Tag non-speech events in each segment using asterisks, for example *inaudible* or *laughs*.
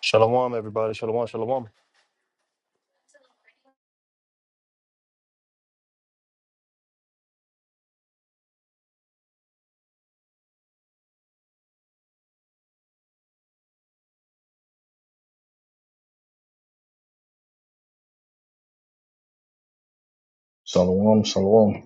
Shalom, everybody. Shalom, shalom. Shalom, shalom.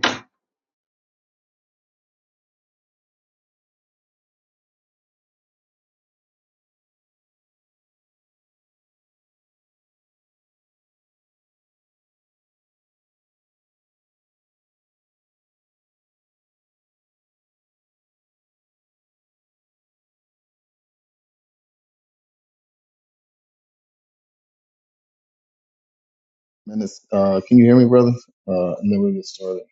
Minutes. Uh, can you hear me, brother? Uh, and then we'll get started.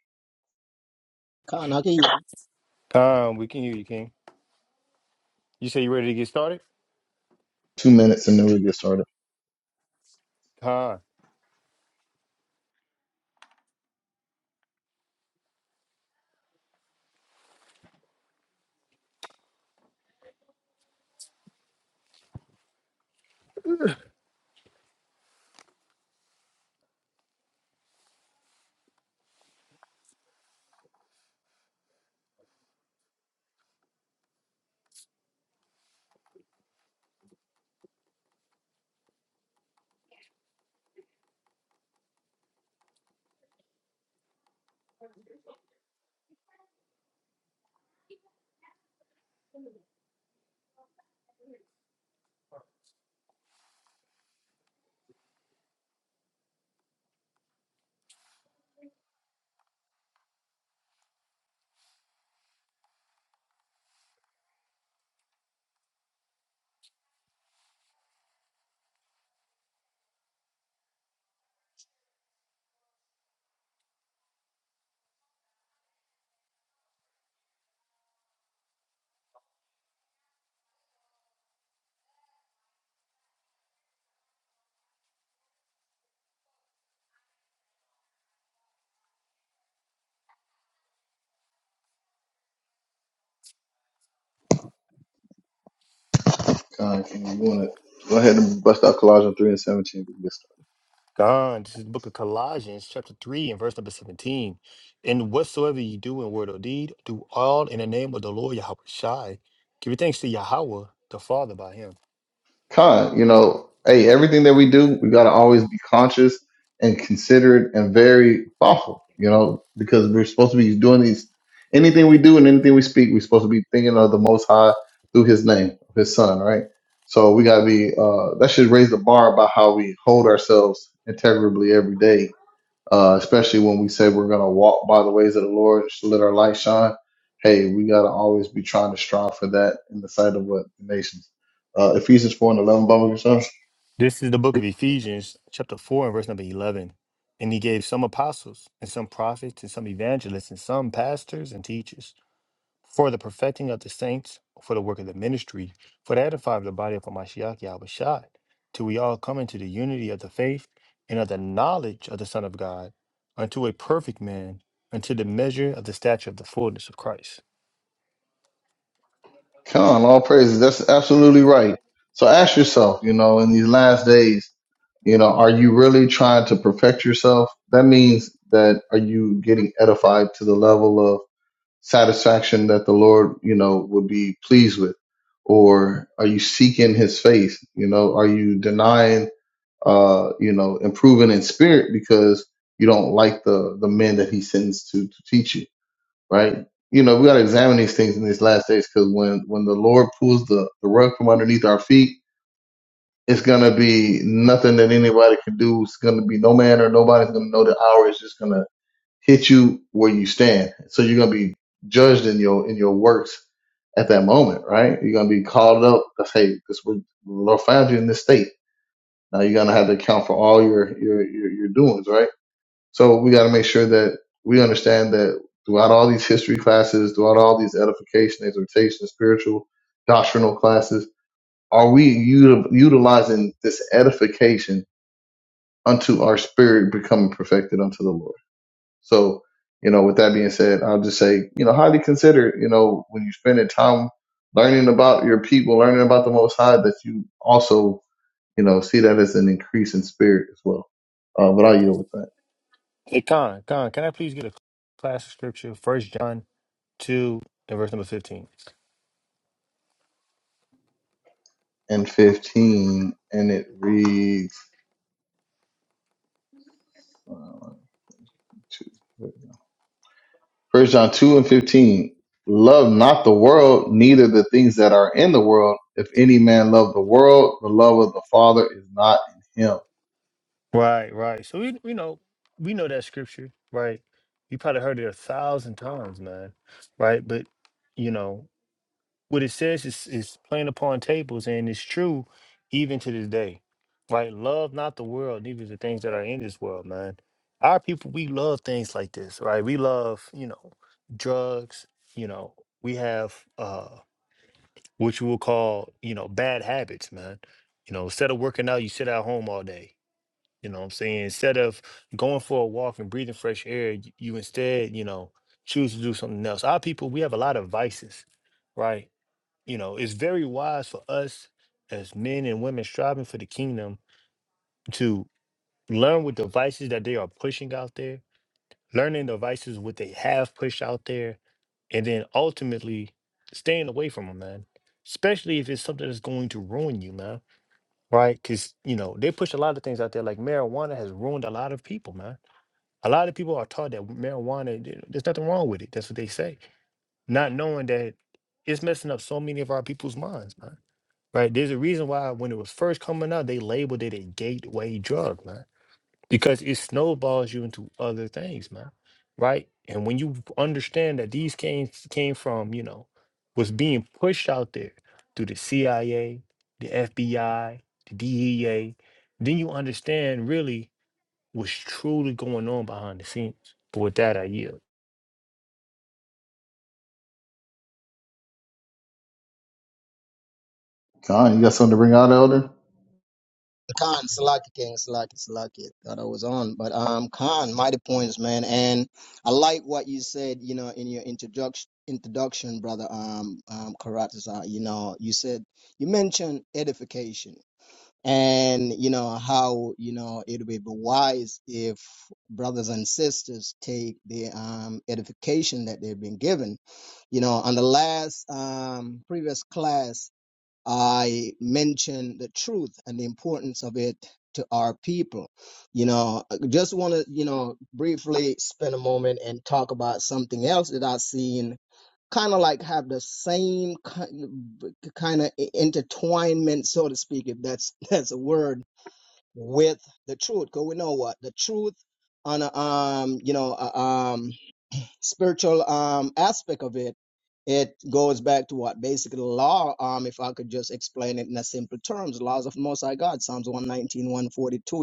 Khan, I can Khan, we can hear you, King. You say you ready to get started? Two minutes and then we'll get started. Khan, Khan, can you want to go ahead and bust out Colossians 3 and 17 we can get started? Khan, this is the book of Colossians, chapter 3, and verse number 17. And whatsoever you do in word or deed, do all in the name of the Lord Yahweh Shai. Give your thanks to Yahweh, the Father, by him. Khan, you know, hey, everything that we do, we got to always be conscious and considerate and very thoughtful, you know, because we're supposed to be doing these, anything we do and anything we speak, we're supposed to be thinking of the Most High through His name, His Son, right? So we got to be, uh, that should raise the bar about how we hold ourselves integrably every day uh, especially when we say we're going to walk by the ways of the Lord, let our light shine. Hey, we got to always be trying to strive for that in the sight of what the nations. Uh, Ephesians 4 and 11, Bible yourself. This is the book of Ephesians, chapter 4, and verse number 11. And he gave some apostles, and some prophets, and some evangelists, and some pastors and teachers for the perfecting of the saints, for the work of the ministry, for the edifying of the body of Hamashiach Yahushua, till we all come into the unity of the faith and of the knowledge of the Son of God, unto a perfect man, unto the measure of the stature of the fullness of Christ. Con, all praises. That's absolutely right. So ask yourself, you know, in these last days, you know, are you really trying to perfect yourself? That means that are you getting edified to the level of satisfaction that the Lord, you know, would be pleased with? Or are you seeking his face? You know, are you denying, uh, you know, improving in spirit because you don't like the, the men that he sends to, to teach you, right? You know, we got to examine these things in these last days because when, when the Lord pulls the, the rug from underneath our feet, it's going to be nothing that anybody can do. It's going to be no man or nobody's going to know the hour. It's just going to hit you where you stand. So you're gonna be judged in your in your works at that moment, right? You're gonna be called up. To say, this was the Lord found you in this state. Now you're gonna have to account for all your your your, your doings, right? So we got to make sure that we understand that throughout all these history classes, throughout all these edification, exhortation, spiritual, doctrinal classes, are we util- utilizing this edification unto our spirit becoming perfected unto the Lord? So, you know, with that being said, I'll just say, you know, highly consider, you know, when you're spending time learning about your people, learning about the Most High, that you also, you know, see that as an increase in spirit as well. Uh, but I'll yield with that. Hey, Con, Con, can I please get a class of scripture? First John 2 and verse number 15. And 15, and it reads, uh, one, two, three. First John 2 and 15. Love not the world, neither the things that are in the world. If any man love the world, the love of the Father is not in him. Right, right. So we, we know, we know that scripture, right? You probably heard it a thousand times, man, right? But, you know, what it says is is plain upon tables and it's true even to this day. Right? Love not the world, neither the things that are in this world, man. Our people, we love things like this, right? We love, you know, drugs, you know, we have uh what you will call, you know, bad habits, man. You know, instead of working out, you sit at home all day. You know what I'm saying? Instead of going for a walk and breathing fresh air, y- you instead, you know, choose to do something else. Our people, we have a lot of vices, right? You know, it's very wise for us as men and women striving for the kingdom to learn what the vices that they are pushing out there, learning the vices what they have pushed out there, and then ultimately staying away from them, man. Especially if it's something that's going to ruin you, man. Right? Because you know they push a lot of things out there. Like marijuana has ruined a lot of people, man. A lot of people are taught that marijuana, th- there's nothing wrong with it. That's what they say, not knowing that it's messing up so many of our people's minds, man right? There's a reason why when it was first coming out, they labeled it a gateway drug, man, because it snowballs you into other things, man, right? And when you understand that these came came from, you know, was being pushed out there through the CIA, the FBI, the DEA, then you understand really what's truly going on behind the scenes. But with that, I yield. Con, you got something to bring out, Elder? Khan, Salaki King, Salaki, Salaki. Thought I was on, but um, Khan, mighty points, man. And I like what you said, you know, in your introduction, introduction, brother, um, um, Karatiza. You know, you said you mentioned edification, and you know how you know it would be wise if brothers and sisters take the um edification that they've been given. You know, on the last um previous class I mention the truth and the importance of it to our people. You know, I just want to, you know, briefly spend a moment and talk about something else that I've seen kind of like have the same kind of intertwinement, so to speak, if that's *laughs* that's a word, with the truth. Because we know what the truth on a, um, you know, a, um spiritual um, aspect of it, it goes back to what basically law. Um, if I could just explain it in a simple terms, laws of Most High God, Psalms one nineteen, one forty two,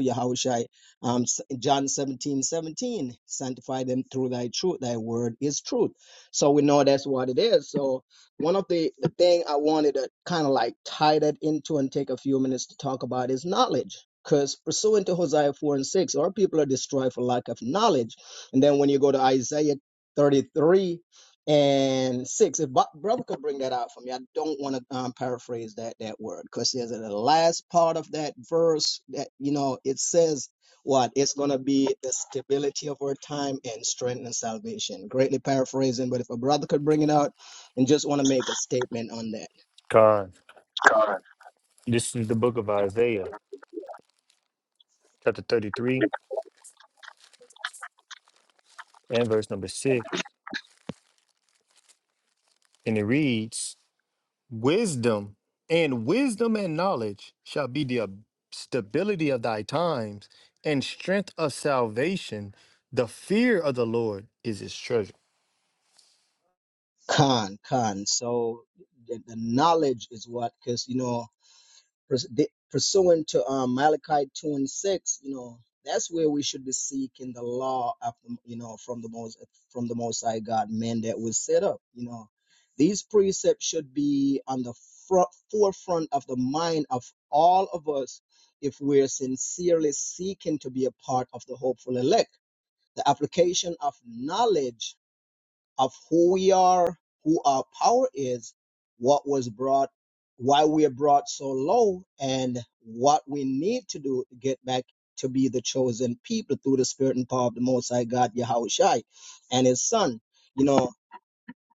Yahushai, um, S- John 17 17, sanctify them through thy truth, thy word is truth. So we know that's what it is. So one of the, the thing I wanted to kind of like tie that into and take a few minutes to talk about is knowledge. Because pursuant to Hosea 4 and 6, our people are destroyed for lack of knowledge. And then when you go to Isaiah 33 and 6. If Bo- brother could bring that out for me, I don't want to um, paraphrase that that word because there's the last part of that verse that you know it says what it's going to be the stability of our time and strength and salvation. Greatly paraphrasing, but if a brother could bring it out and just want to make a statement on that. God, this is the book of Isaiah, chapter 33 and verse number six, and it reads. Wisdom and wisdom and knowledge shall be the ab- stability of thy times and strength of salvation. The fear of the Lord is his treasure. Khan, Khan. So the, the knowledge is what because you know purs- di- pursuant to um, Malachi 2 and 6, you know, that's where we should be seeking the law of, the- you know, from the most, from the most high God, men that was set up, you know, these precepts should be on the front, forefront of the mind of all of us if we're sincerely seeking to be a part of the hopeful elect. The application of knowledge of who we are, who our power is, what was brought, why we are brought so low, and what we need to do to get back to be the chosen people through the spirit and power of the Most High God, Yahweh Shai, and His Son. You know,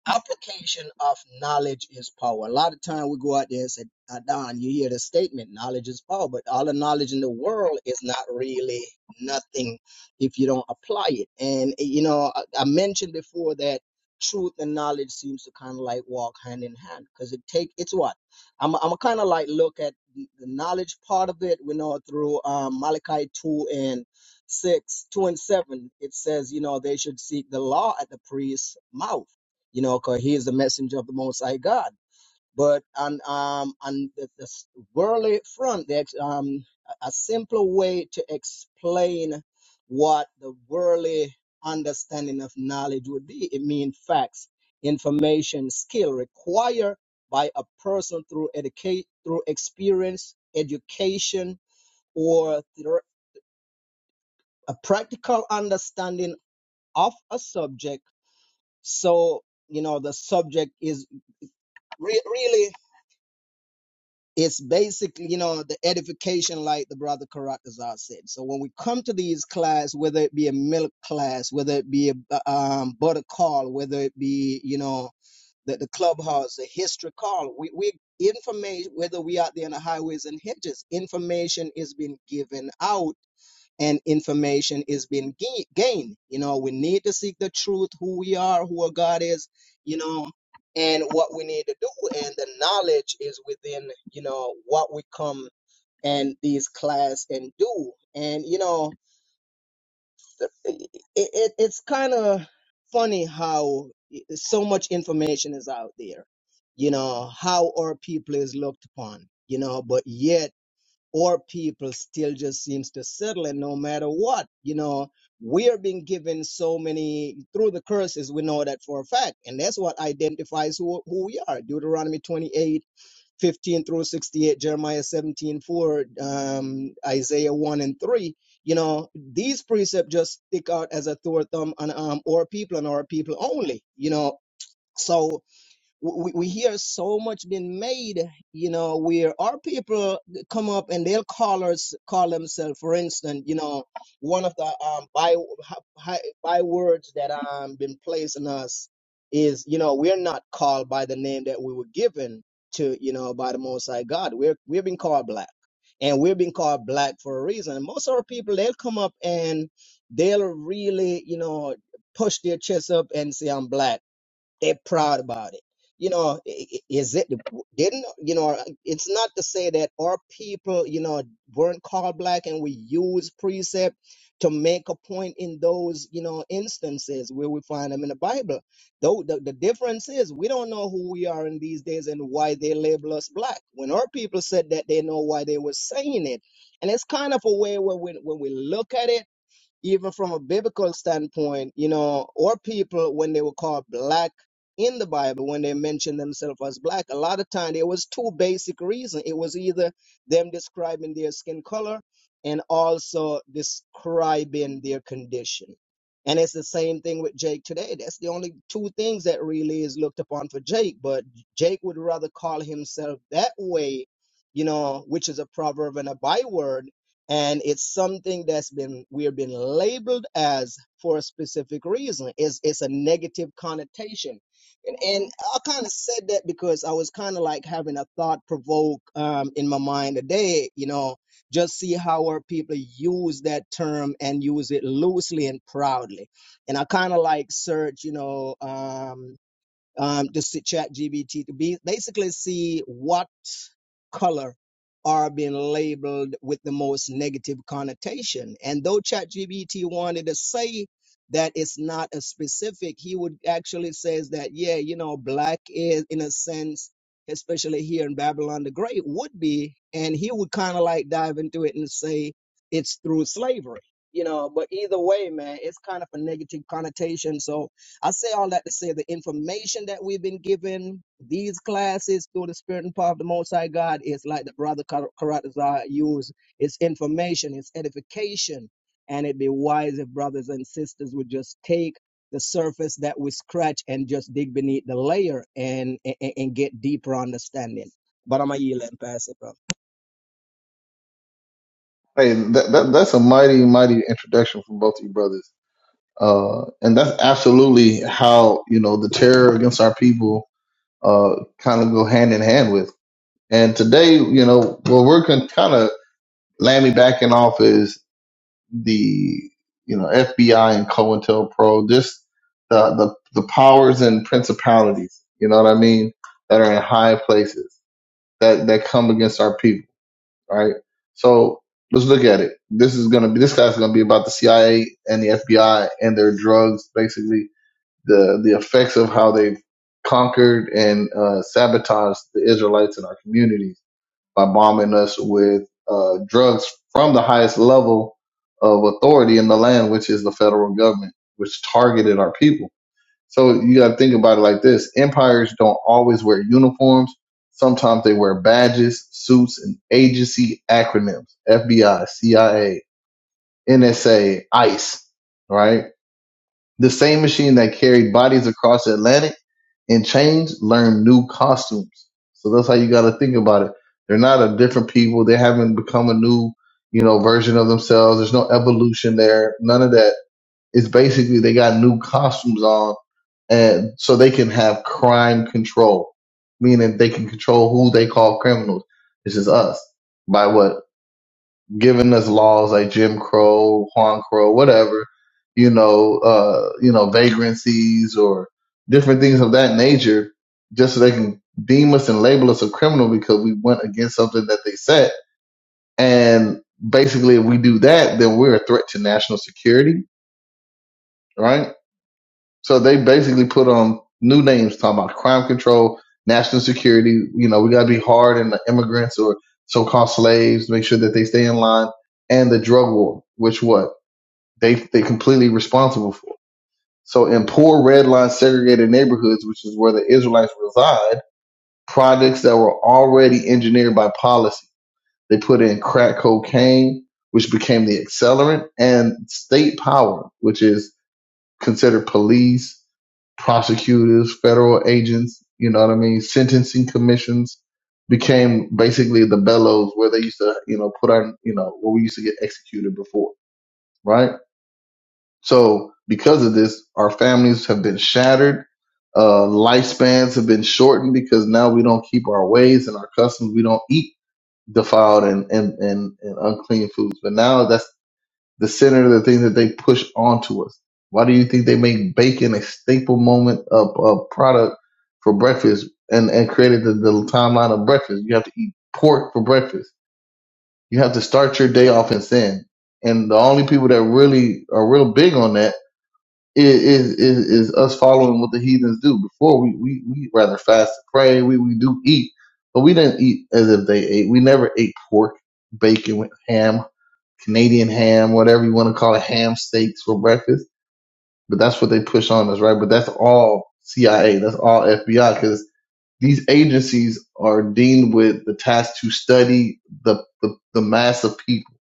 application of knowledge is power. A lot of time we go out there and say, "Ah, Don, you hear the statement, knowledge is power, but all the knowledge in the world is not really nothing if you don't apply it. And, eh, you know, I, I mentioned before that truth and knowledge seems to kind of like walk hand in hand because it take it's what i'm i'm kind of like look at the knowledge part of it we know through um malachi 2 and 6 2 and 7 it says you know they should seek the law at the priest's mouth you know, because he is the messenger of the Most High God. But on um on the, the worldly front, there's um a a simpler way to explain what the worldly understanding of knowledge would be. It means facts, information, skill required by a person through educate through experience, education, or through a practical understanding of a subject. So you know the subject is re- really it's basically you know the edification like the brother Karatazar said so when we come to these class whether it be a milk class whether it be a um, butter call whether it be you know the, the clubhouse the history call we, we information whether we out there on the highways and hedges information is being given out and information is being ga- gained. You know, we need to seek the truth, who we are, who our God is, you know, and what we need to do. And the knowledge is within, you know, what we come and these class and do. And, you know, the- it, it, it's kind of funny how so much information is out there, you know, how our people is looked upon, you know, but yet or people still just seems to settle and no matter what you know we're being given so many through the curses we know that for a fact and that's what identifies who, who we are deuteronomy 28 15 through 68 jeremiah 17 4 um, isaiah 1 and 3 you know these precepts just stick out as a sore thumb on um, our people and our people only you know so we, we hear so much being made, you know, where our people come up and they'll call us, call themselves, for instance, you know, one of the um, by, hi- by words that um been placed on us is, you know, we're not called by the name that we were given to, you know, by the Most High God. We're we're being called black, and we're being called black for a reason. And most of our people they'll come up and they'll really, you know, push their chest up and say, "I'm black." They're proud about it. You know, i- i- is it didn't you know? It's not to say that our people, you know, weren't called black, and we use precept to make a point in those you know instances where we find them in the Bible. Though the, the difference is we don't know who we are in these days and why they label us black. When our people said that, they know why they were saying it, and it's kind of a way where when when we look at it even from a biblical standpoint, you know, or people when they were called black in the Bible, when they mentioned themselves as black, a lot of time there was two basic reasons. It was either them describing their skin color and also describing their condition. And it's the same thing with Jake today. That's the only two things that really is looked upon for Jake. But Jake would rather call himself that way, you know, which is a proverb and a byword and it's something that's been we've been labeled as for a specific reason it's it's a negative connotation and, and i kind of said that because i was kind of like having a thought provoke um, in my mind today you know just see how our people use that term and use it loosely and proudly and i kind of like search you know um, um, to see chat GBT to be basically see what color are being labeled with the most negative connotation. And though ChatGPT wanted to say that it's not a specific, he would actually says that, yeah, you know, black is in a sense, especially here in Babylon the Great would be, and he would kind of like dive into it and say it's through slavery, you know, but either way, man, it's kind of a negative connotation. So, I say all that to say the information that we've been given, these classes through the Spirit and power of the Most High God is like the brother Kar- Karatazar used. It's information, it's edification, and it'd be wise if brothers and sisters would just take the surface that we scratch and just dig beneath the layer and and, and get deeper understanding. But I'm a yield and pass it, bro. Hey, that, that that's a mighty mighty introduction from both of you brothers. Uh, and that's absolutely how you know the terror against our people uh kind of go hand in hand with. And today, you know, what we're con- kind of lammy backing off is the you know FBI and COINTELPRO, just the the the powers and principalities. You know what I mean? That are in high places that that come against our people right? So let's look at it. This is gonna be this class is gonna be about the CIA and the FBI and their drugs, basically the the effects of how they've conquered and uh, sabotaged the Israelites in our communities by bombing us with uh, drugs from the highest level of authority in the land, which is the federal government, which targeted our people so you got to think about it like this: empires don't always wear uniforms. Sometimes they wear badges, suits, and agency acronyms: FBI, CIA, NSA, ICE. Right? The same machine that carried bodies across the Atlantic in chains learned new costumes. So that's how you got to think about it. They're not a different people. They haven't become a new, you know, version of themselves. There's no evolution there. None of that is basically they got new costumes on, and so they can have crime control, meaning they can control who they call criminals. This is us by what giving us laws like Jim Crow, Juan Crow, whatever, you know, uh, you know, vagrancies or different things of that nature, just so they can deem us and label us a criminal because we went against something that they set. And basically, if we do that, then we're a threat to national security, right? So they basically put on new names talking about crime control, national security. You know, we got to be hard on the immigrants or so-called slaves, make sure that they stay in line, and the drug war, which what they they completely responsible for. So in poor red line segregated neighborhoods, which is where the Israelites reside, projects that were already engineered by policy. They put in crack cocaine, which became the accelerant, and state power, which is consider police, prosecutors, federal agents, you know what I mean, sentencing commissions became basically the bellows where they used to, you know, put our, you know, where we used to get executed before, right? So because of this, our families have been shattered. Uh, lifespans have been shortened because now we don't keep our ways and our customs. We don't eat defiled and, and, and, and unclean foods. But now that's the center of the thing that they push onto us. Why do you think they make bacon a staple moment of a product for breakfast and, and created the, the timeline of breakfast? You have to eat pork for breakfast. You have to start your day off in sin. And the only people that really are real big on that is is, is, is us following what the heathens do. Before we, we, we rather fast and pray, we, we do eat. But we didn't eat as if they ate. We never ate pork, bacon, with ham Canadian ham, whatever you want to call it, ham steaks for breakfast. But that's what they push on us, right? But that's all CIA. That's all FBI because these agencies are deemed with the task to study the, the, the mass of people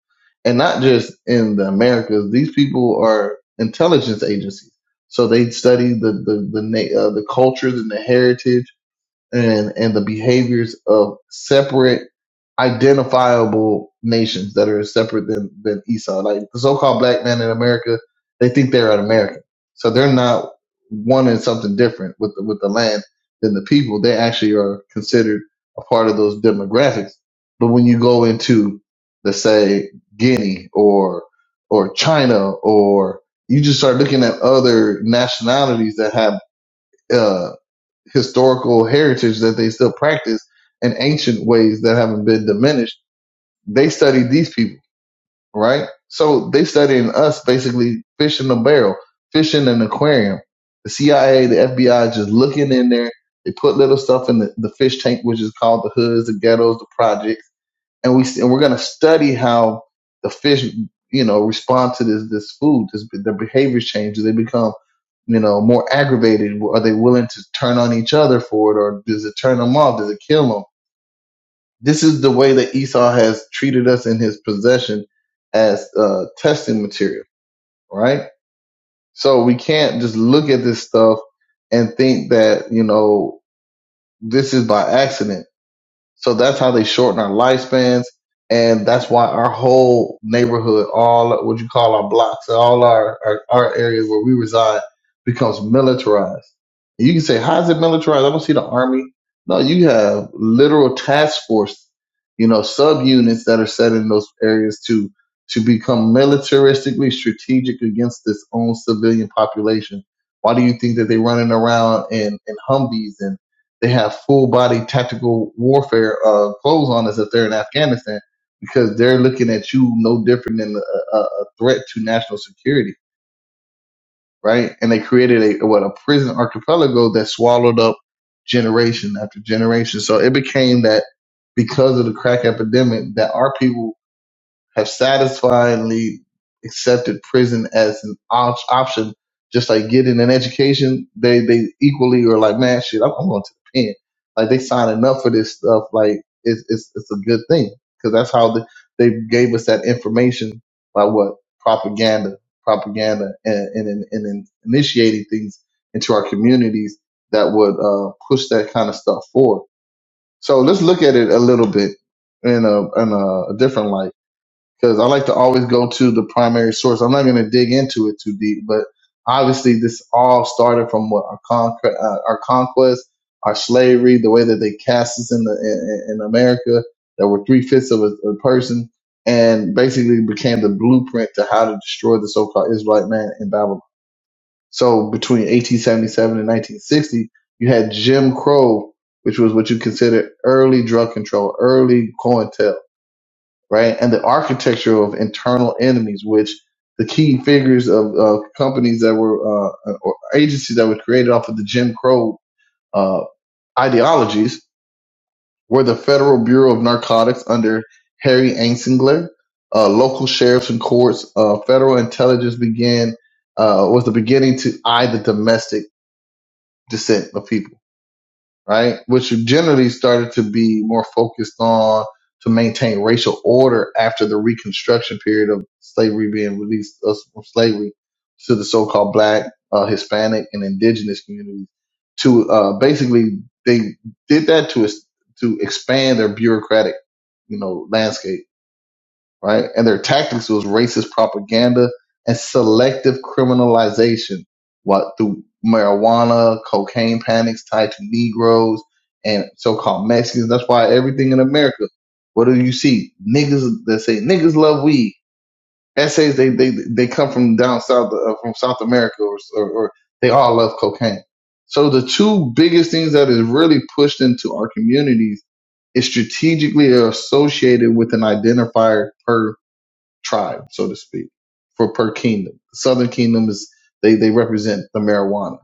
and not just in the Americas. These people are intelligence agencies. So they study the, the, the, uh, the cultures and the heritage and and the behaviors of separate identifiable nations that are separate than than Esau. Like the so-called black man in America, they think they're an American, so they're not wanting something different with the, with the land than the people. They actually are considered a part of those demographics. But when you go into, let's say, Guinea or or China, or you just start looking at other nationalities that have uh, historical heritage that they still practice and ancient ways that haven't been diminished. They studied these people, right? So they studying us basically fish in a barrel, fish in an aquarium. The CIA, the FBI just looking in there. They put little stuff in the, the fish tank, which is called the hoods, the ghettos, the projects and we and we're going to study how the fish, you know, respond to this this food. This, their behaviors change. Do they become, you know, more aggravated? Are they willing to turn on each other for it, or does it turn them off? Does it kill them? This is the way that Esau has treated us in his possession as uh, testing material, right? So we can't just look at this stuff and think that you know this is by accident So that's how they shorten our lifespans. And that's why our whole neighborhood, all what you call our blocks, all our, our, our areas where we reside becomes militarized. And you can say, how is it militarized? I don't see the army. No, you have literal task force, you know, subunits that are set in those areas to, to become militaristically strategic against its own civilian population. Why do you think that they running around in, in Humvees and? they have full body tactical warfare uh, clothes on as if they're in Afghanistan because they're looking at you no different than a, a a threat to national security, right? And they created a what a prison archipelago that swallowed up generation after generation. So it became that because of the crack epidemic that our people have satisfyingly accepted prison as an op- option, just like getting an education. They they equally are like, man, shit, I'm, I'm going to the pen. Like they signing up for this stuff. Like it's it's it's a good thing because that's how the, they gave us that information by what propaganda, propaganda, and and, and, and initiating things into our communities that would uh, push that kind of stuff forward. So let's look at it a little bit in a in a different light because I like to always go to the primary source. I'm not going to dig into it too deep, but obviously this all started from what our conquer, uh, our conquest, our slavery, the way that they cast us in the in, in America that were three fifths of a, a person, and basically became the blueprint to how to destroy the so-called Israelite man in Babylon. So between 1877 and 1960, you had Jim Crow, which was what you considered early drug control, early COINTEL right? And the architecture of internal enemies, which the key figures of uh, companies that were uh, or agencies that were created off of the Jim Crow uh, ideologies were the Federal Bureau of Narcotics under Harry Anslinger, uh, local sheriffs and courts. Uh, federal intelligence began uh, was the beginning to eye the domestic descent of people right? Which generally started to be more focused on to maintain racial order after the Reconstruction period of slavery being released us from slavery to the so-called Black, uh, Hispanic, and Indigenous communities. To uh, basically, they did that to es- to expand their bureaucratic, you know, landscape right? And their tactics was racist propaganda and selective criminalization, what through marijuana, cocaine panics tied to Negroes and so-called Mexicans. That's why everything in America, what do you see? Niggas that say niggas love weed. Essays they they they come from down south uh, from South America or, or or they all love cocaine. So the two biggest things that is really pushed into our communities is strategically associated with an identifier per tribe, so to speak, for per kingdom. The southern kingdom is they they represent the marijuana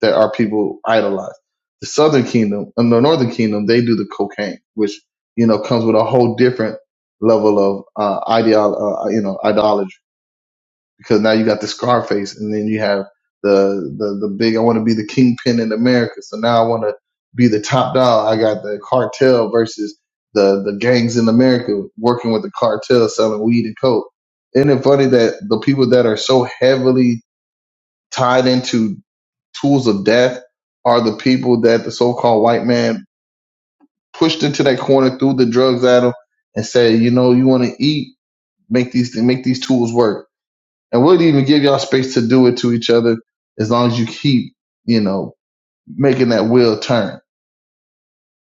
that our people idolize. The southern kingdom and the northern kingdom they do the cocaine, which you know comes with a whole different level of uh, ideal, uh, you know, idolatry because now you got the Scarface, and then you have the the the big. I want to be the kingpin in America, so now I want to be the top dog. I got the cartel versus the the gangs in America working with the cartel selling weed and coke. Isn't it funny that the people that are so heavily tied into tools of death are the people that the so-called white man pushed into that corner, threw the drugs at them, and said, you know, you want to eat, make these make these tools work and we'll even give y'all space to do it to each other as long as you keep, you know, making that wheel turn.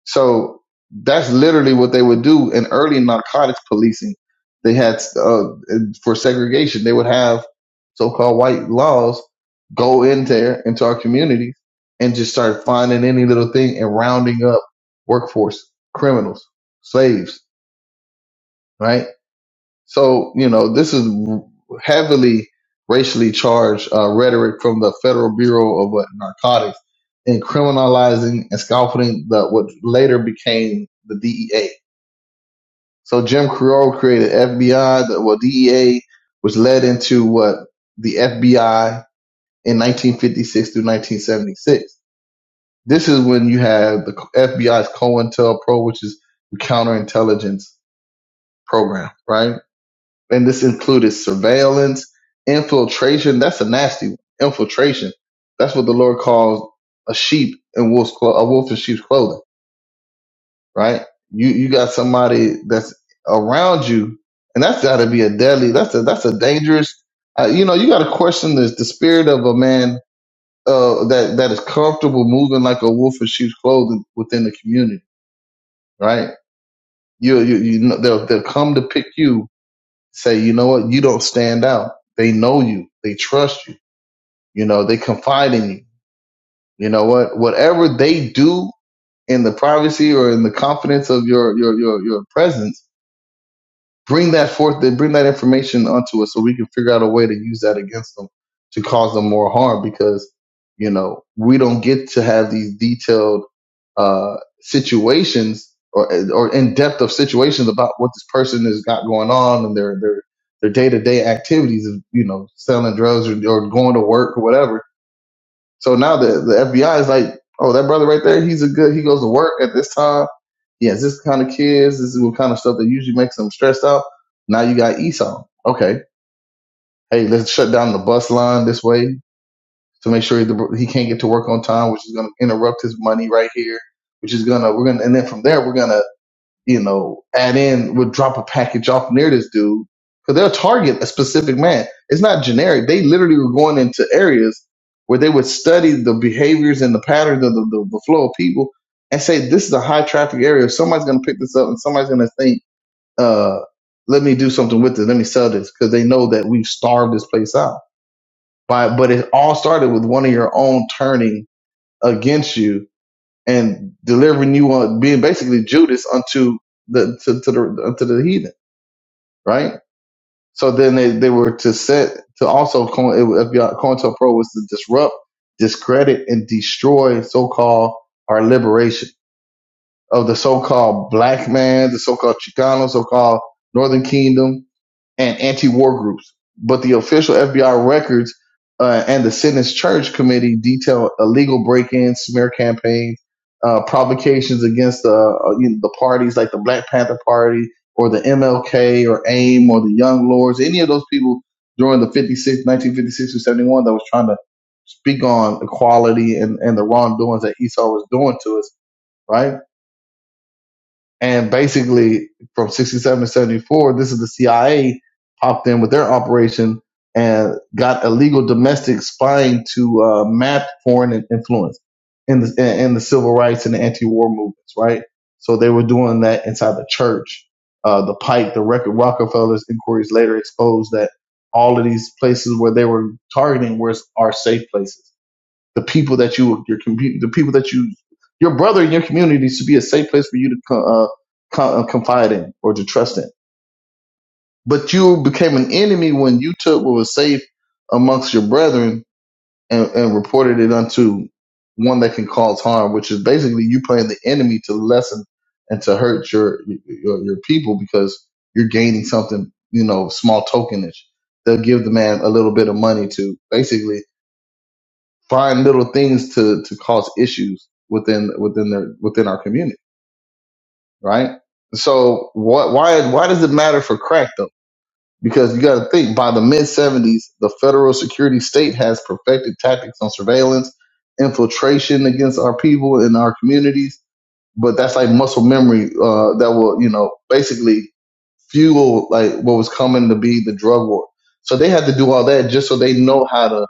So that's literally what they would do in early narcotics policing. They had uh, for segregation, they would have so-called white laws go in there into our communities and just start finding any little thing and rounding up workforce, criminals, slaves, right? So, you know, this is heavily racially charged uh, rhetoric from the Federal Bureau of what, Narcotics in criminalizing and scaffolding the, what later became the DEA. So Jim Crow created FBI, the, well, DEA, which led into what the FBI in 1956 through 1976. This is when you have the FBI's COINTELPRO, which is the counterintelligence program, right? And this included surveillance, infiltration. That's a nasty one. Infiltration. That's what the Lord calls a sheep in wolf's clo- a wolf in sheep's clothing, right? You you got somebody that's around you, and that's got to be a deadly. That's a that's a dangerous. Uh, you know, you got to question the the spirit of a man uh, that that is comfortable moving like a wolf in sheep's clothing within the community, right? You you you know they'll they'll come to pick you say, you know what, you don't stand out. They know you. They trust you. You know, they confide in you. You know what? Whatever they do in the privacy or in the confidence of your your your, your presence Bring that forth, then bring that information onto us so we can figure out a way to use that against them to cause them more harm because, you know, we don't get to have these detailed uh, situations or, or in depth of situations about what this person has got going on and their, their, their day to day activities of, you know, selling drugs or, or going to work or whatever so now the, the FBI is like, oh, that brother right there, he's a good, he goes to work at this time. He has this kind of kids. This is the kind of stuff that usually makes them stressed out. Now you got Esau. Okay. Hey, let's shut down the bus line this way to make sure he he can't get to work on time, which is going to interrupt his money right here, which is going to, we're going to, and then from there, we're going to you know, add in would drop a package off near this dude because they'll target a specific man. It's not generic. They literally were going into areas where they would study the behaviors and the patterns of the, the, the flow of people and say, this is a high traffic area. Somebody's going to pick this up and somebody's going to think, uh, let me do something with this. Let me sell this because they know that we've starved this place out. But, but it all started with one of your own turning against you and delivering you on being basically Judas unto the to, to the unto the heathen, right? So then they, they were to set to also coin it was- COINTELPRO was to disrupt, discredit, and destroy so-called our liberation of the so-called black man, the so-called Chicano, so-called Northern Kingdom, and anti-war groups, but the official FBI records uh, and the Sentence Church Committee detail illegal break-ins, smear campaigns, uh, provocations against uh, uh, you know, the parties like the Black Panther Party or the MLK or AIM or the Young Lords, any of those people during the fifty-six, nineteen fifty-six 1956 to 71 that was trying to speak on equality and, and the wrongdoings that Esau was doing to us, right? And basically, from 67 to 74, this is the CIA popped in with their operation and got illegal domestic spying to uh, map foreign influence in the, in the civil rights and the anti-war movements, right? So they were doing that inside the church. Uh, the Pike, the record Rockefellers inquiries later exposed that all of these places where they were targeting were are safe places the people that you your commu- the people that you your brother in your community needs to be a safe place for you to co- uh, co- uh, confide in or to trust in. But you became an enemy when you took what was safe amongst your brethren and, and reported it unto one that can cause harm, which is basically you playing the enemy to lessen and to hurt your your, your people because you're gaining something, you know, small tokenish. They'll give the man a little bit of money to basically find little things to to cause issues within within their within our community, right? So what why why does it matter for crack though? Because you got to think by the mid 70s, the federal security state has perfected tactics on surveillance, infiltration against our people and our communities, but that's like muscle memory uh, that will you know basically fuel like what was coming to be the drug war. So they had to do all that just so they know how to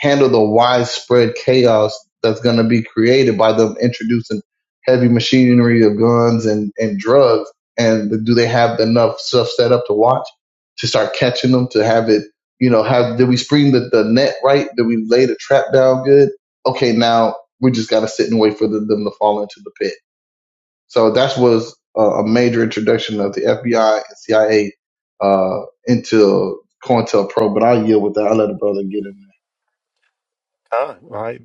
handle the widespread chaos that's going to be created by them introducing heavy machinery of guns and, and drugs. And do they have enough stuff set up to watch to start catching them to have it? You know, have did we spring the, the net right? Did we lay the trap down good? Okay, now we just got to sit and wait for the, them to fall into the pit so that was a, a major introduction of the FBI and CIA uh, into COINTELPRO. But I'll yield with that. I'll let a brother get in Huh? Right. right.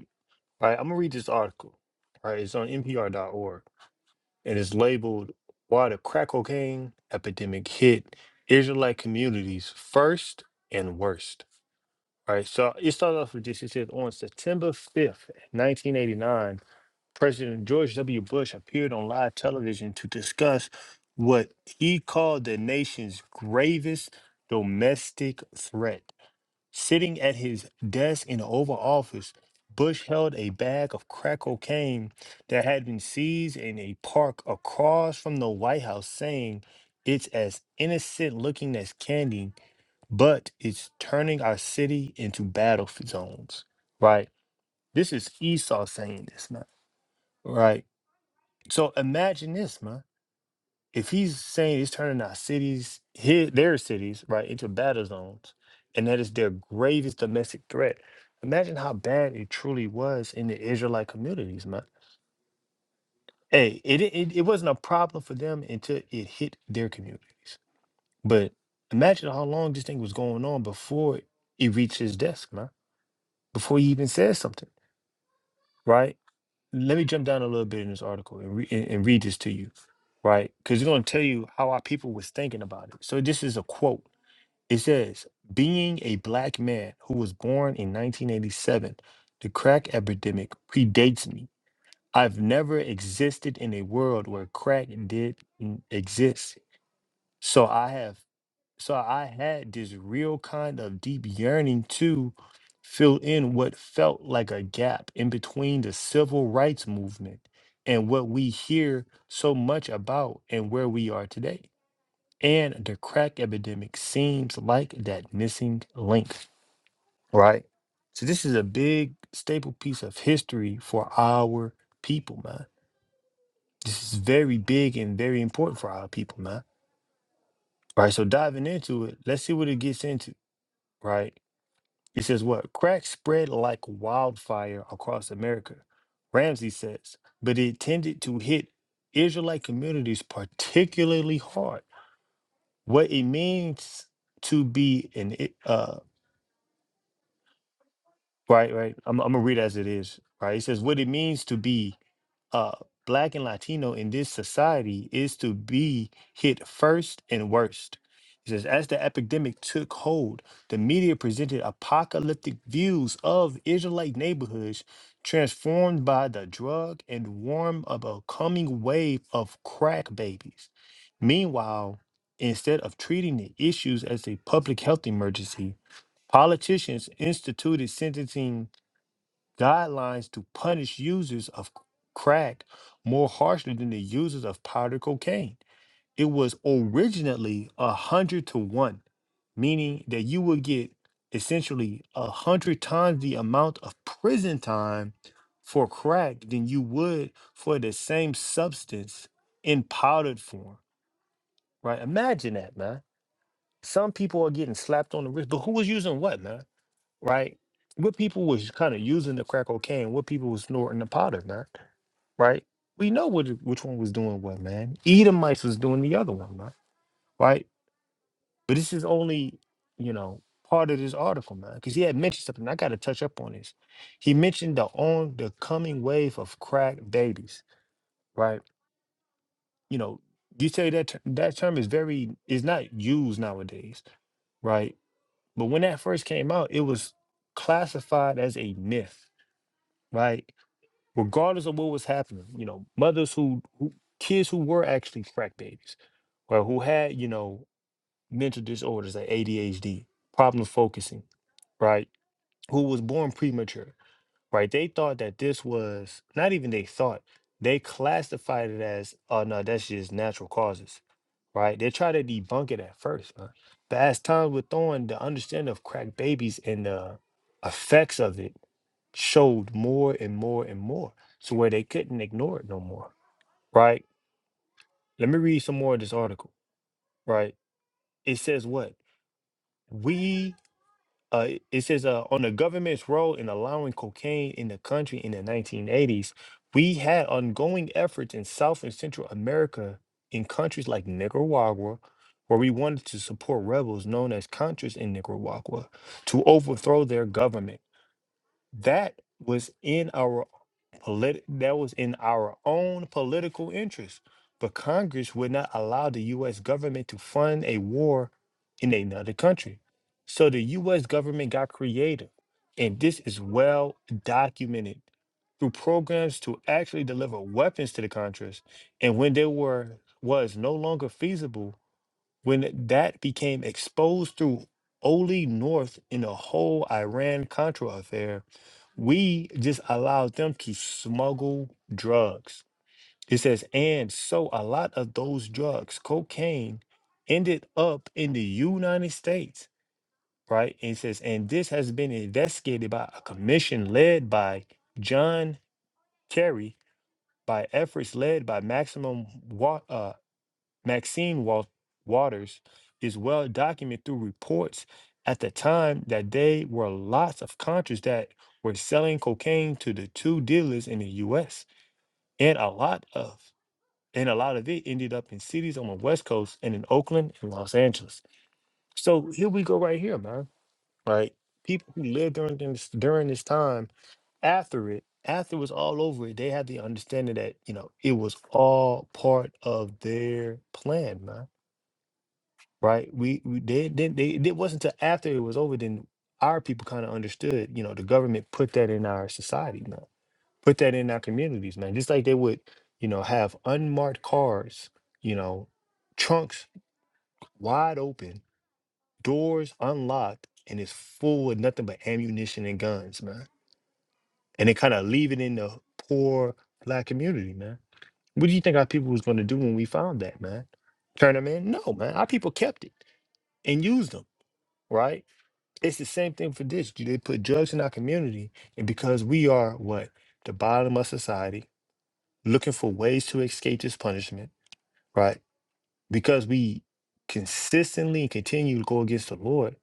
right. I'm going to read this article. Right, It's on NPR.org and it's labeled Why the Crack Cocaine Epidemic Hit Israelite Communities First and Worst. All right. So it started off with this. It says on September 5th, 1989. President George W. Bush appeared on live television to discuss what he called the nation's gravest domestic threat. Sitting at his desk in the Oval Office, Bush held a bag of crack cocaine that had been seized in a park across from the White House, saying, It's as innocent looking as candy, but it's turning our city into battle zones. Right? This is Esau saying this, man. Right? So imagine this, man. If he's saying he's turning our cities, his, their cities, right, into battle zones, and that is their gravest domestic threat, imagine how bad it truly was in the Israelite communities, man. Hey, it, it, it wasn't a problem for them until it hit their communities. But imagine how long this thing was going on before it reached his desk, man, before he even said something, right? let me jump down a little bit in this article and, re- and, and read this to you, right? Because it's going to tell you how our people was thinking about it. So this is a quote. It says, "Being a black man who was born in 1987, the crack epidemic predates me. I've never existed in a world where crack did n- exist. So I have." So I had this real kind of deep yearning to fill in what felt like a gap in between the civil rights movement and what we hear so much about and where we are today. And the crack epidemic seems like that missing link, right? So this is a big staple piece of history for our people, man. This is very big and very important for our people, man. Right. So diving into it, let's see what it gets into, right? It says what? Crack spread like wildfire across America, Ramsey says, but it tended to hit Israelite communities particularly hard. What it means to be an I- uh. Right, right. I'm, I'm gonna read as it is. Right. It says what it means to be uh black and Latino in this society is to be hit first and worst. It says as the epidemic took hold, the media presented apocalyptic views of Israelite neighborhoods transformed by the drug and warm of a coming wave of crack babies. Meanwhile, instead of treating the issues as a public health emergency, Politicians instituted sentencing guidelines to punish users of crack more harshly than the users of powder cocaine. It was originally a hundred to one, meaning that you would get essentially a hundred times the amount of prison time for crack than you would for the same substance in powdered form. Right? Imagine that, man. Some people are getting slapped on the wrist, but who was using what, man? right? What people was kind of using the crack cocaine, what people was snorting the powder, man, right? We know what which one was doing what, man. Edomites was doing the other one, man, right? But this is only, you know, part of this article, man, because he had mentioned something. I got to touch up on this. He mentioned the on the coming wave of crack babies, right? You know, you say that ter- that term is very is not used nowadays, right? But when that first came out, it was classified as a myth, right? regardless of what was happening, you know, mothers who, who kids who were actually crack babies or who had, you know, mental disorders like ADHD, problem focusing, right? Who was born premature, right? They thought that this was not even they thought, they classified it as, oh no, that's just natural causes, right? They try to debunk it at first, man. But as time went on, the understanding of crack babies and the effects of it showed more and more and more to where they couldn't ignore it no more, right? Let me read some more of this article, right? It says what? We, uh, it says uh, on the government's role in allowing cocaine in the country in the 1980s, we had ongoing efforts in South and Central America in countries like Nicaragua, where we wanted to support rebels known as Contras in Nicaragua to overthrow their government. That was in our polit- that was in our own political interest. But Congress would not allow the US government to fund a war in another country. So the US government got creative. And this is well documented through programs to actually deliver weapons to the Contras. And when they were was no longer feasible, when that became exposed through Oli North in the whole Iran Contra affair, we just allowed them to smuggle drugs. It says, and so a lot of those drugs, cocaine, ended up in the United States, right? And it says, and this has been investigated by a commission led by John Kerry by efforts led by Maximum Maxine Wa- Waters is well documented through reports at the time that there were lots of contras that were selling cocaine to the two dealers in the U.S. and a lot of and a lot of it ended up in cities on the West Coast and in Oakland and Los Angeles. So here we go right here, man. Right, people who lived during this during this time after it after it was all over it, they had the understanding that you know it was all part of their plan, man right? We, we did then they it wasn't until after it was over then our people kind of understood, you know, the government put that in our society man. put that in our communities, man. Just like they would, you know, have unmarked cars, you know, trunks wide open, doors unlocked, and it's full with nothing but ammunition and guns, man. And they kind of leave it in the poor black community, man. What do you think our people was going to do when we found that, man? Turn them in? No, man. Our people kept it and used them, right? It's the same thing for this. They put drugs in our community, and because we are what the bottom of society, looking for ways to escape this punishment, right? Because we consistently and continue to go against the Lord.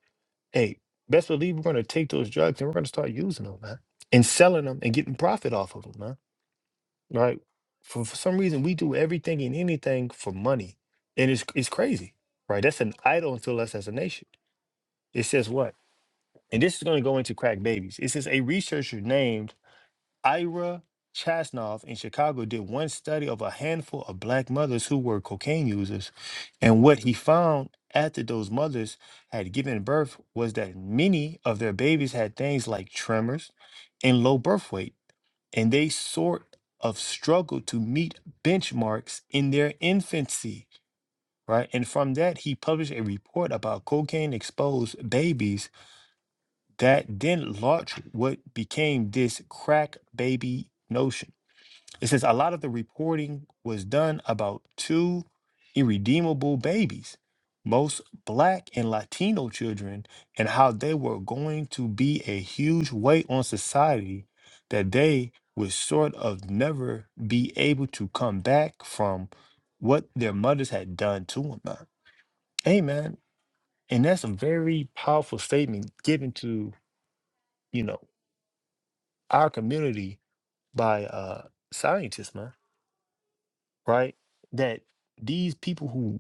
Hey, best believe we're going to take those drugs and we're going to start using them, man, and selling them and getting profit off of them, man. Right? For, for some reason, we do everything and anything for money, and it's it's crazy, right? That's an idol until us as a nation. It says what? And this is going to go into crack babies. It says a researcher named Ira Chasnov in Chicago did one study of a handful of black mothers who were cocaine users. And what he found after those mothers had given birth was that many of their babies had things like tremors and low birth weight. And they sort of struggled to meet benchmarks in their infancy. Right. And from that, he published a report about cocaine exposed babies that then launched what became this crack baby notion. It says a lot of the reporting was done about two irredeemable babies, most black and Latino children, and how they were going to be a huge weight on society that they would sort of never be able to come back from what their mothers had done to them. man. Hey, And that's a very powerful statement given to, you know, our community by uh scientists, man, right? That these people who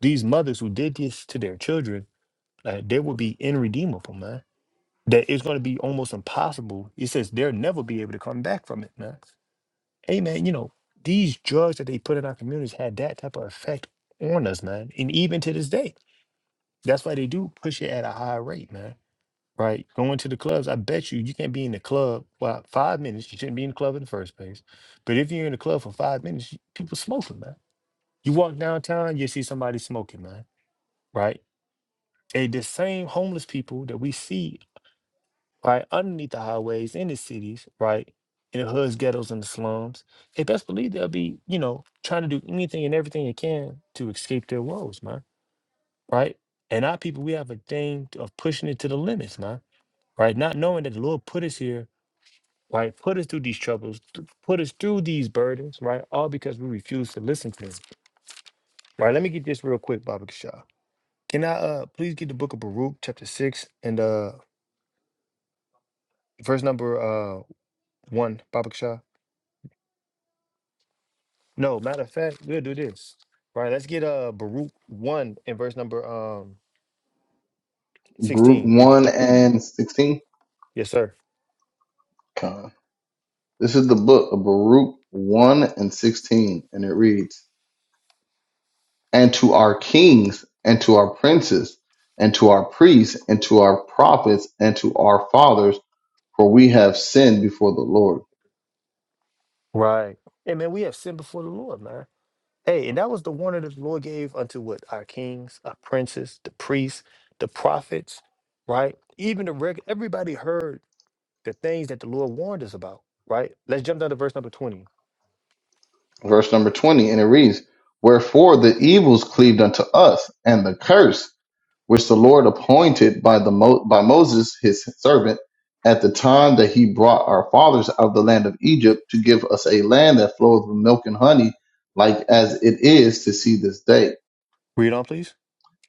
these mothers who did this to their children, uh, they will be irredeemable, man. That it's gonna be almost impossible. It says they'll never be able to come back from it, man. Hey man, you know, these drugs that they put in our communities had that type of effect on us, man. And even to this day. That's why they do push it at a high rate, man. right? Going to the clubs, I bet you you can't be in the club well five minutes. You shouldn't be in the club in the first place. But if you're in the club for five minutes, you- people smoking, man. You walk downtown, you see somebody smoking, man, right? And the same homeless people that we see right underneath the highways in the cities, right? In the hoods, ghettos, and the slums, they best believe they'll be, you know, trying to do anything and everything they can to escape their woes, man. Right? And our people, we have a thing of pushing it to the limits, man. Right? Not knowing that the Lord put us here right? Put us through these troubles, th- put us through these burdens, right? All because we refuse to listen to him, right? Let me get this real quick, Baba Kishah. Can I uh please get the book of Baruch, chapter six, and uh verse number uh one, Baba Kishah? No, matter of fact, we'll do this, right? Let's get uh Baruch one and verse number um there. Baruch sixteen. If 1 and 16. yes, sir. Con. This is the book of Baruch 1 and 16. And it reads, And to our kings, and to our princes, and to our priests, and to our prophets, and to our fathers, for we have sinned before the Lord. Right. Hey man, we have sinned before the Lord, man. Hey, and that was the warning that the Lord gave unto what? Our kings, our princes, the priests, the prophets, right? Even the reg- everybody heard the things that the Lord warned us about, right? Let's jump down to verse number 20. Verse number 20. And it reads, Wherefore the evils cleaved unto us, and the curse which the Lord appointed by the Mo- by Moses his servant at the time that he brought our fathers out of the land of Egypt to give us a land that floweth with milk and honey, like as it is to see this day. Read on, please.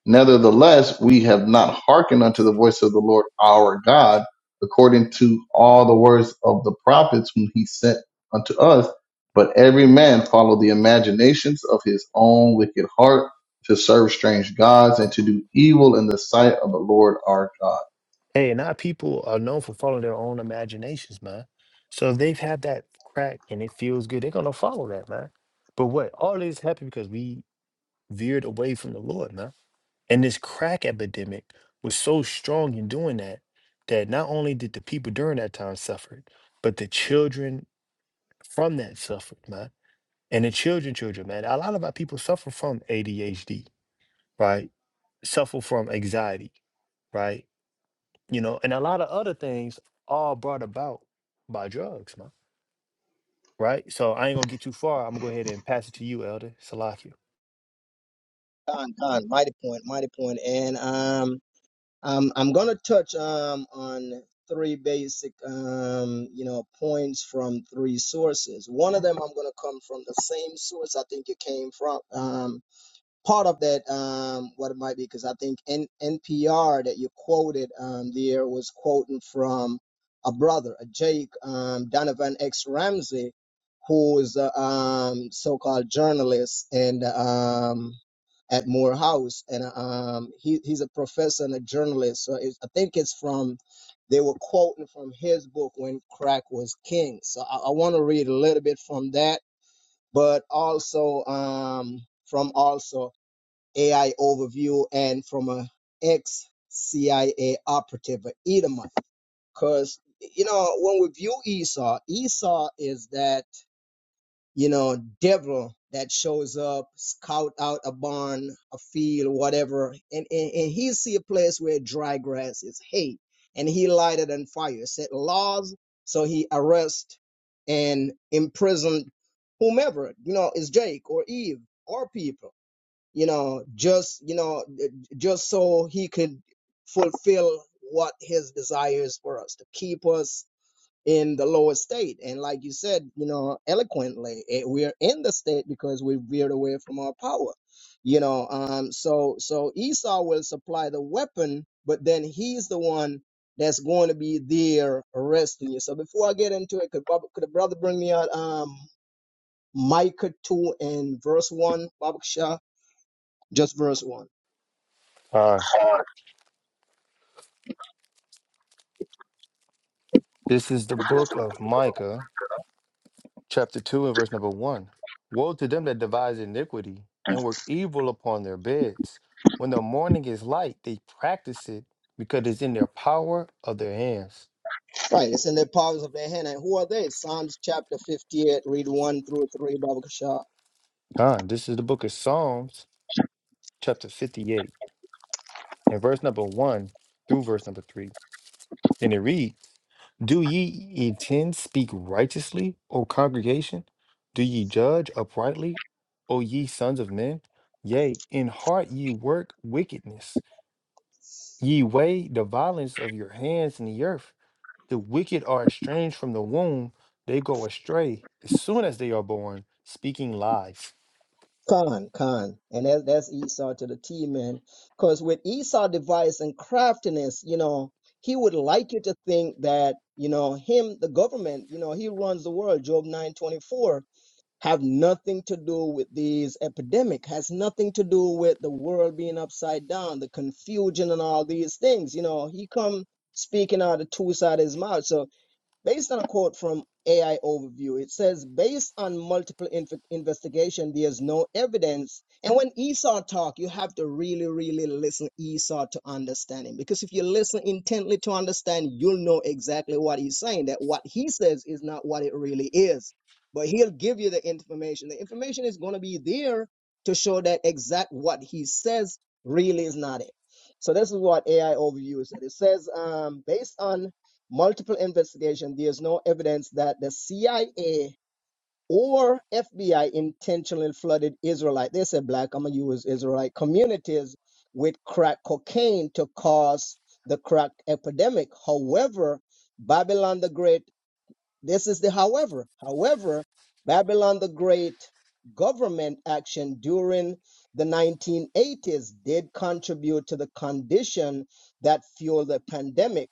Nevertheless, we have not hearkened unto the voice of the Lord our God, according to all the words of the prophets whom he sent unto us, but every man followed the imaginations of his own wicked heart to serve strange gods and to do evil in the sight of the Lord our God. Hey, and our people are known for following their own imaginations, man. So if they've had that crack and it feels good. They're gonna follow that, man. But what? All this happened because we veered away from the Lord, man. And this crack epidemic was so strong in doing that, that not only did the people during that time suffered, but the children from that suffered, man. And the children, children, man. A lot of our people suffer from ADHD, right? Suffer from anxiety, right? You know, and a lot of other things all brought about by drugs, man. Right? So I ain't gonna get too far. I'm gonna go ahead and pass it to you, Elder Salakia. Con, con, mighty point, mighty point, and um. Um, I'm going to touch um, on three basic, um, you know, points from three sources. One of them I'm going to come from the same source I think it came from. um, part of that um, what it might be because I think N- NPR that you quoted um, there was quoting from a brother, a Jake um, Donovan X Ramsey, who is a um, so-called journalist and um, at Morehouse, and um, he he's a professor and a journalist. So it's, I think it's from they were quoting from his book when crack was king. So I, I want to read a little bit from that, but also um, from also AI overview and from a ex CIA operative, a Edomite. Because, you know, when we view Esau, Esau is that, you know, devil that shows up, scout out a barn, a field, whatever, and, and, and he see a place where dry grass is hay. And he lighted on fire, set laws, so he arrest and imprisoned whomever, you know, is Jake or Eve or people you know, just, you know, just so he could fulfill what his desires for us to keep us in the lower state. And like you said, you know, eloquently, eh, we're in the state because we veered away from our power. You know, um, so so Esau will supply the weapon, but then he's the one that's going to be there arresting you. So before I get into it, could Bob, could a brother bring me out um Micah two and verse one, Baba Shah, just verse one. Uh, this is the book of Micah. chapter 2 and verse number 1 woe to them that devise iniquity and work evil upon their beds when the morning is light they practice it because it's in their power of their hands Right, it's in the powers of their hand. And who are they? Psalms chapter 58, read 1 through 3, Babakasha. Con, this is the book of psalms chapter 58 and verse number 1 through verse number 3 and it reads: do ye intend speak righteously o congregation do ye judge uprightly o ye sons of men yea in heart ye work wickedness Ye weigh the violence of your hands in the earth. The wicked are estranged from the womb. They go astray as soon as they are born, speaking lies. Con, con, And that, that's Esau to the T, man. Because with Esau device and craftiness, you know, he would like you to think that, you know, him, the government, you know, he runs the world. Job 924 have nothing to do with these epidemic, has nothing to do with the world being upside down, the confusion and all these things. You know, he come speaking out of the two sides of his mouth. So Based on a quote from AI Overview, it says, based on multiple inf- investigation, there's no evidence. And when Esau talk, you have to really, really listen Esau to understand him. Because if you listen intently to understand, you'll know exactly what he's saying, that what he says is not what it really is. But he'll give you the information. The information is going to be there to show that exact what he says really is not it. So this is what AI Overview said. It says, um, based on multiple investigation, there's no evidence that the CIA or FBI intentionally flooded Israelite. They said black, I'm gonna use Israelite communities with crack cocaine to cause the crack epidemic. However, Babylon the Great this is the however. However, Babylon the Great government action during the 1980s did contribute to the condition that fueled the pandemic.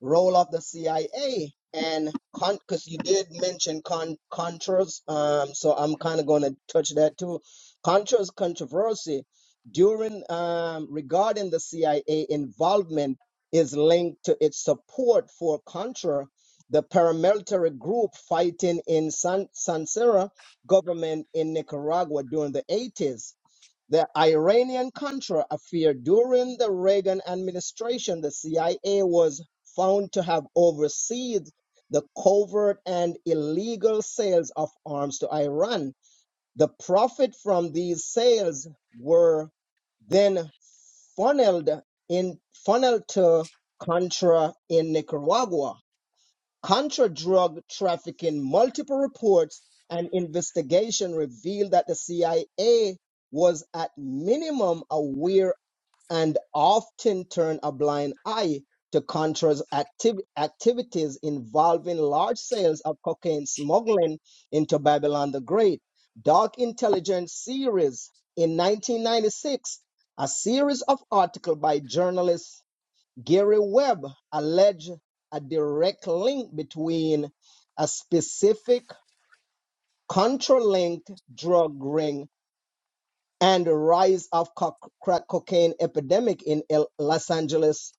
Role of the CIA and because you did mention con- Contras, um, so I'm kind of going to touch that too. Contras controversy during um, regarding the CIA involvement is linked to its support for Contra the paramilitary group fighting in San Sansera government in Nicaragua during the 80s. The Iranian Contra affair during the Reagan administration, the CIA was found to have overseen the covert and illegal sales of arms to Iran. The profit from these sales were then funneled in funneled to Contra in Nicaragua Contra-drug trafficking, multiple reports and investigation revealed that the CIA was at minimum aware and often turned a blind eye to Contra's activ- activities involving large sales of cocaine smuggling into Babylon the Great. Dark Intelligence series in 1996, a series of articles by journalists Gary Webb alleged a direct link between a specific contra-linked drug ring and the rise of co- crack cocaine epidemic in Los Angeles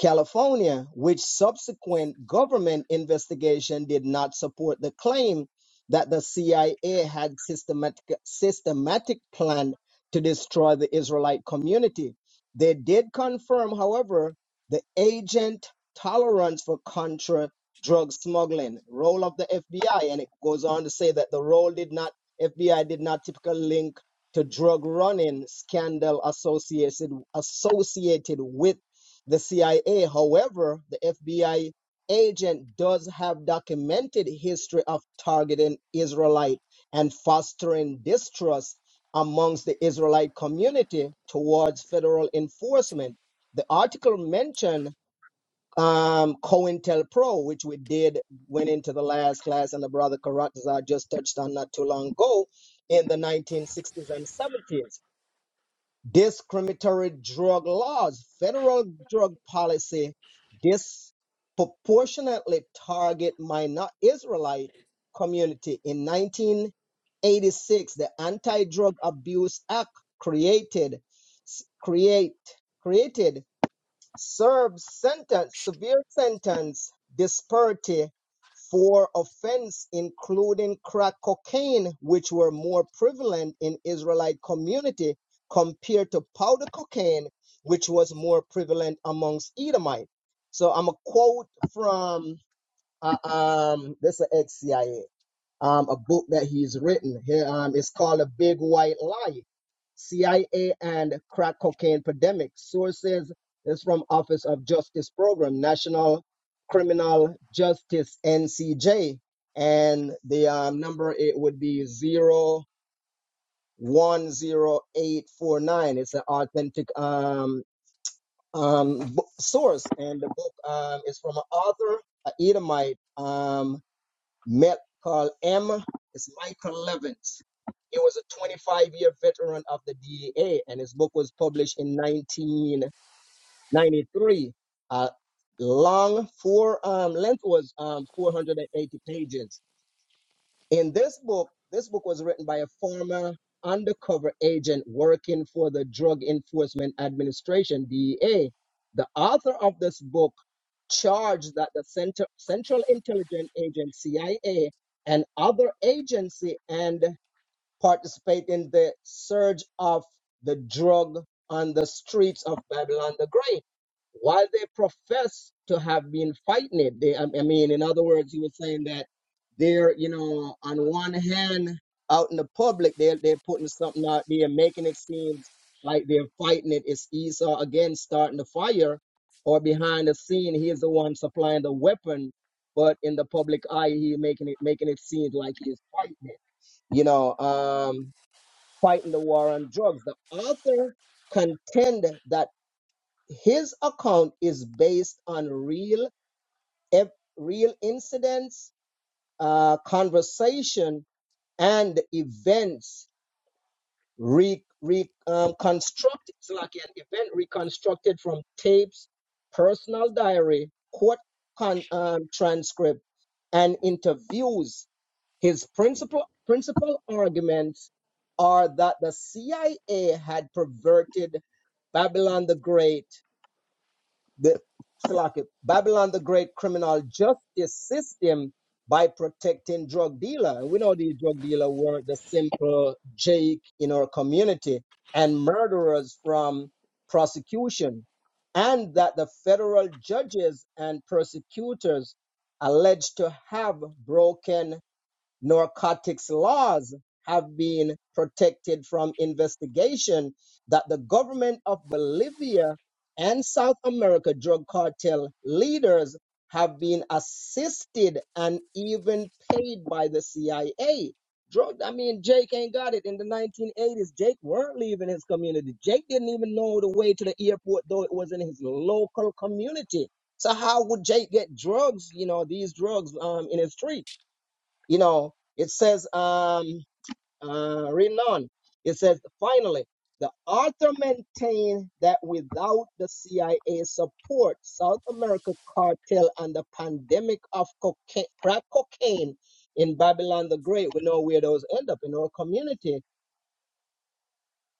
California, which subsequent government investigation did not support the claim that the CIA had systematic, systematic plan to destroy the Israelite community. They did confirm, however, the agent tolerance for contra drug smuggling, role of the FBI, and it goes on to say that the role did not FBI did not typically link to drug running scandal associated associated with the CIA. However, the FBI agent does have documented history of targeting Israelite and fostering distrust amongst the Israelite community towards federal enforcement. The article mentioned um, COINTELPRO, which we did, went into the last class, and the brother Karatazar just touched on not too long ago in the 1960s and 70s discriminatory drug laws, federal drug policy disproportionately target minor Israelite community. In 1986, the Anti-Drug Abuse Act created create, created Serve sentence, severe sentence, disparity for offense, including crack cocaine, which were more prevalent in Israelite community compared to powder cocaine, which was more prevalent amongst Edomite. So I'm a quote from uh, um this is ex CIA um, a book that he's written. Here, um, it's called A Big White Lie: CIA and Crack Cocaine Pandemic. Sources is from Office of Justice Program, National Criminal Justice (NCJ), and the um, number it would be zero one zero eight four nine. It's an authentic um, um, source, and the book um, is from an author, a Edomite. Um, met Carl M. It's Michael Levins. He was a 25 year veteran of the DEA, and his book was published in 1993. Uh, long, four um, length was um, 480 pages. In this book, this book was written by a former undercover agent working for the Drug Enforcement Administration, DEA. The author of this book charged that the Center, Central Intelligence Agency, CIA, and other agency and participate in the surge of the drug on the streets of Babylon the Great. While they profess to have been fighting it, they, I I mean, in other words, he was saying that they're, you know, on one hand, out in the public, they're, they're putting something out there, making it seem like they're fighting it. It's Esau again starting the fire, or behind the scene, he is the one supplying the weapon, but in the public eye, he making it making it seem like he is fighting it you know, um, fighting the war on drugs. The author contended that his account is based on real, ev- real incidents, uh, conversation, and events re, re, um, constructed. It's like an event reconstructed from tapes, personal diary, court con, um, transcript, and interviews His principal principal arguments are that the CIA had perverted Babylon the Great, the Babylon the Great criminal justice system by protecting drug dealer. And we know these drug dealer were the simple Jake in our community and murderers from prosecution. And that the federal judges and prosecutors alleged to have broken narcotics laws have been protected from investigation that the government of Bolivia and South America drug cartel leaders have been assisted and even paid by the CIA. Drug, I mean, Jake ain't got it. In the 1980s, Jake weren't leaving his community. Jake didn't even know the way to the airport, though it was in his local community. So how would Jake get drugs, you know, these drugs um, in his street? you know, it says, um, uh, reading on, it says, finally, the author maintained that without the CIA support, South America cartel and the pandemic of cocaine, crack cocaine in Babylon the Great, we know where those end up in our community,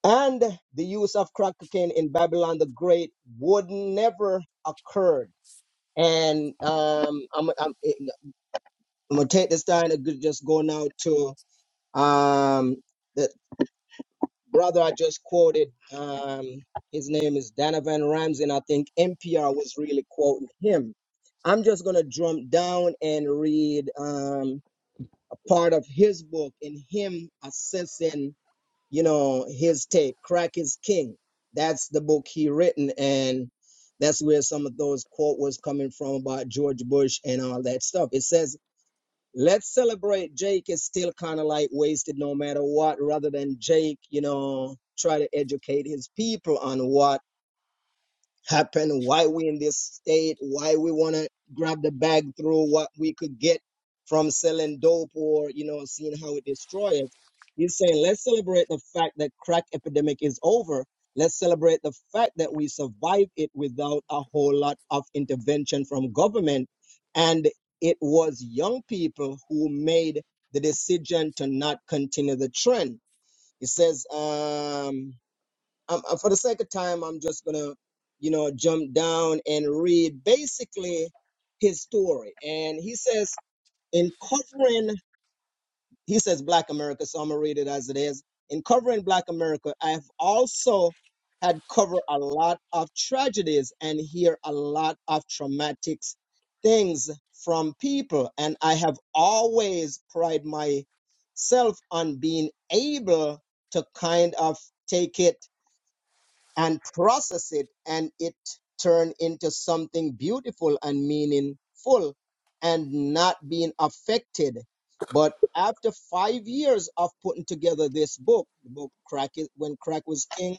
and the use of crack cocaine in Babylon the Great would never occurred. And um, I'm, I'm, I'm gonna take this time to go- just go now to Um, the brother I just quoted, um, his name is Donovan Ramsey, and I think NPR was really quoting him. I'm just going to jump down and read um, a part of his book and him assessing, you know, his take, Crack is King. That's the book he written, and that's where some of those quote was coming from about George Bush and all that stuff. It says, Let's celebrate Jake is still kind of like wasted no matter what, rather than Jake, you know, try to educate his people on what happen, why we in this state, why we want to grab the bag through what we could get from selling dope or, you know, seeing how it destroys us. He's saying, let's celebrate the fact that crack epidemic is over. Let's celebrate the fact that we survived it without a whole lot of intervention from government. And it was young people who made the decision to not continue the trend. He says, um, um, uh, for the sake of time, I'm just gonna, you know, jump down and read basically his story. And he says, in covering, he says Black America, so I'm gonna read it as it is. In covering Black America, I've also had covered a lot of tragedies and hear a lot of traumatic things from people, and I have always pride myself on being able to kind of take it and process it and it turn into something beautiful and meaningful and not being affected but after five years of putting together this book the book crack It- when crack was king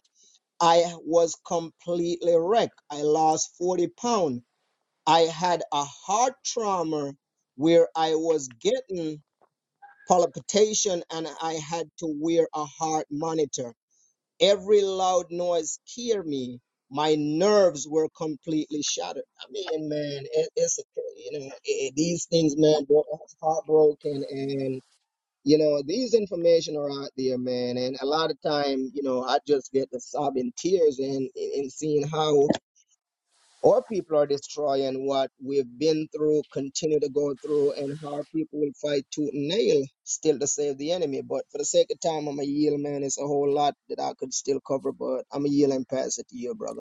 i was completely wrecked i lost 40 pounds i had a heart trauma where i was getting palpitation and i had to wear a heart monitor Every loud noise scared me. My nerves were completely shattered. I mean, man, it, it's okay, you know it, these things, man, bro, heartbroken, and you know these information are out there, man. And a lot of time, you know, I just get the sobbing tears and and seeing how our people are destroying what we've been through, continue to go through, and our people will fight to nail still to save the enemy. But for the sake of time, I'm a yield, man. It's a whole lot that I could still cover, but I'm a yield and pass it to you, brother.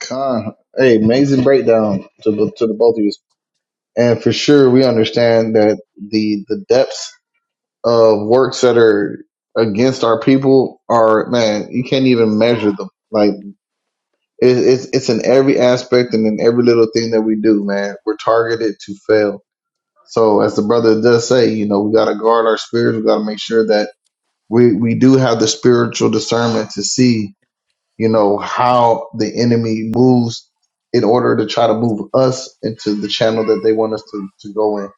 Con, hey, amazing breakdown to, the- to the both of you. And for sure, we understand that the the depths of works that are against our people are man, you can't even measure them. Like it, it's it's in every aspect and in every little thing that we do, man. We're targeted to fail. So as the brother does say, you know, we gotta guard our spirits. We gotta make sure that we we do have the spiritual discernment to see, you know, how the enemy moves in order to try to move us into the channel that they want us to to go in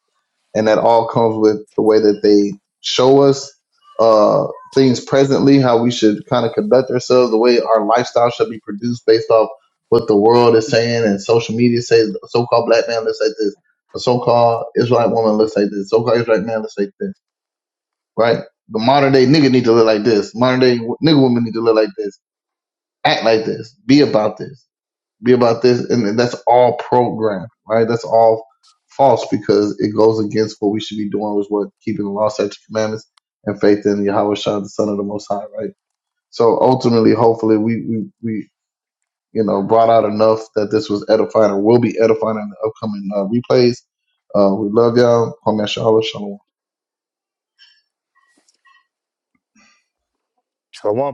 and that all comes with the way that they show us uh, things presently, how we should kind of conduct ourselves, the way our lifestyle should be produced based off what the world is saying and social media says. The so-called black man looks like this. a so-called Israelite woman looks like this. So-called Israelite man looks like this. Right? The modern day nigga need to look like this. Modern day w- nigga woman need to look like this. Act like this. Be about this be about this, and that's all programmed, right? That's all false because it goes against what we should be doing, which is what keeping the law, statutes, commandments, and faith in Yahweh Shah, the Son of the Most High, right? So ultimately, hopefully, we we we you know brought out enough that this was edifying or will be edifying in the upcoming uh, replays. Uh, we love y'all. Kwame Yahshua, Shalom. Shalom.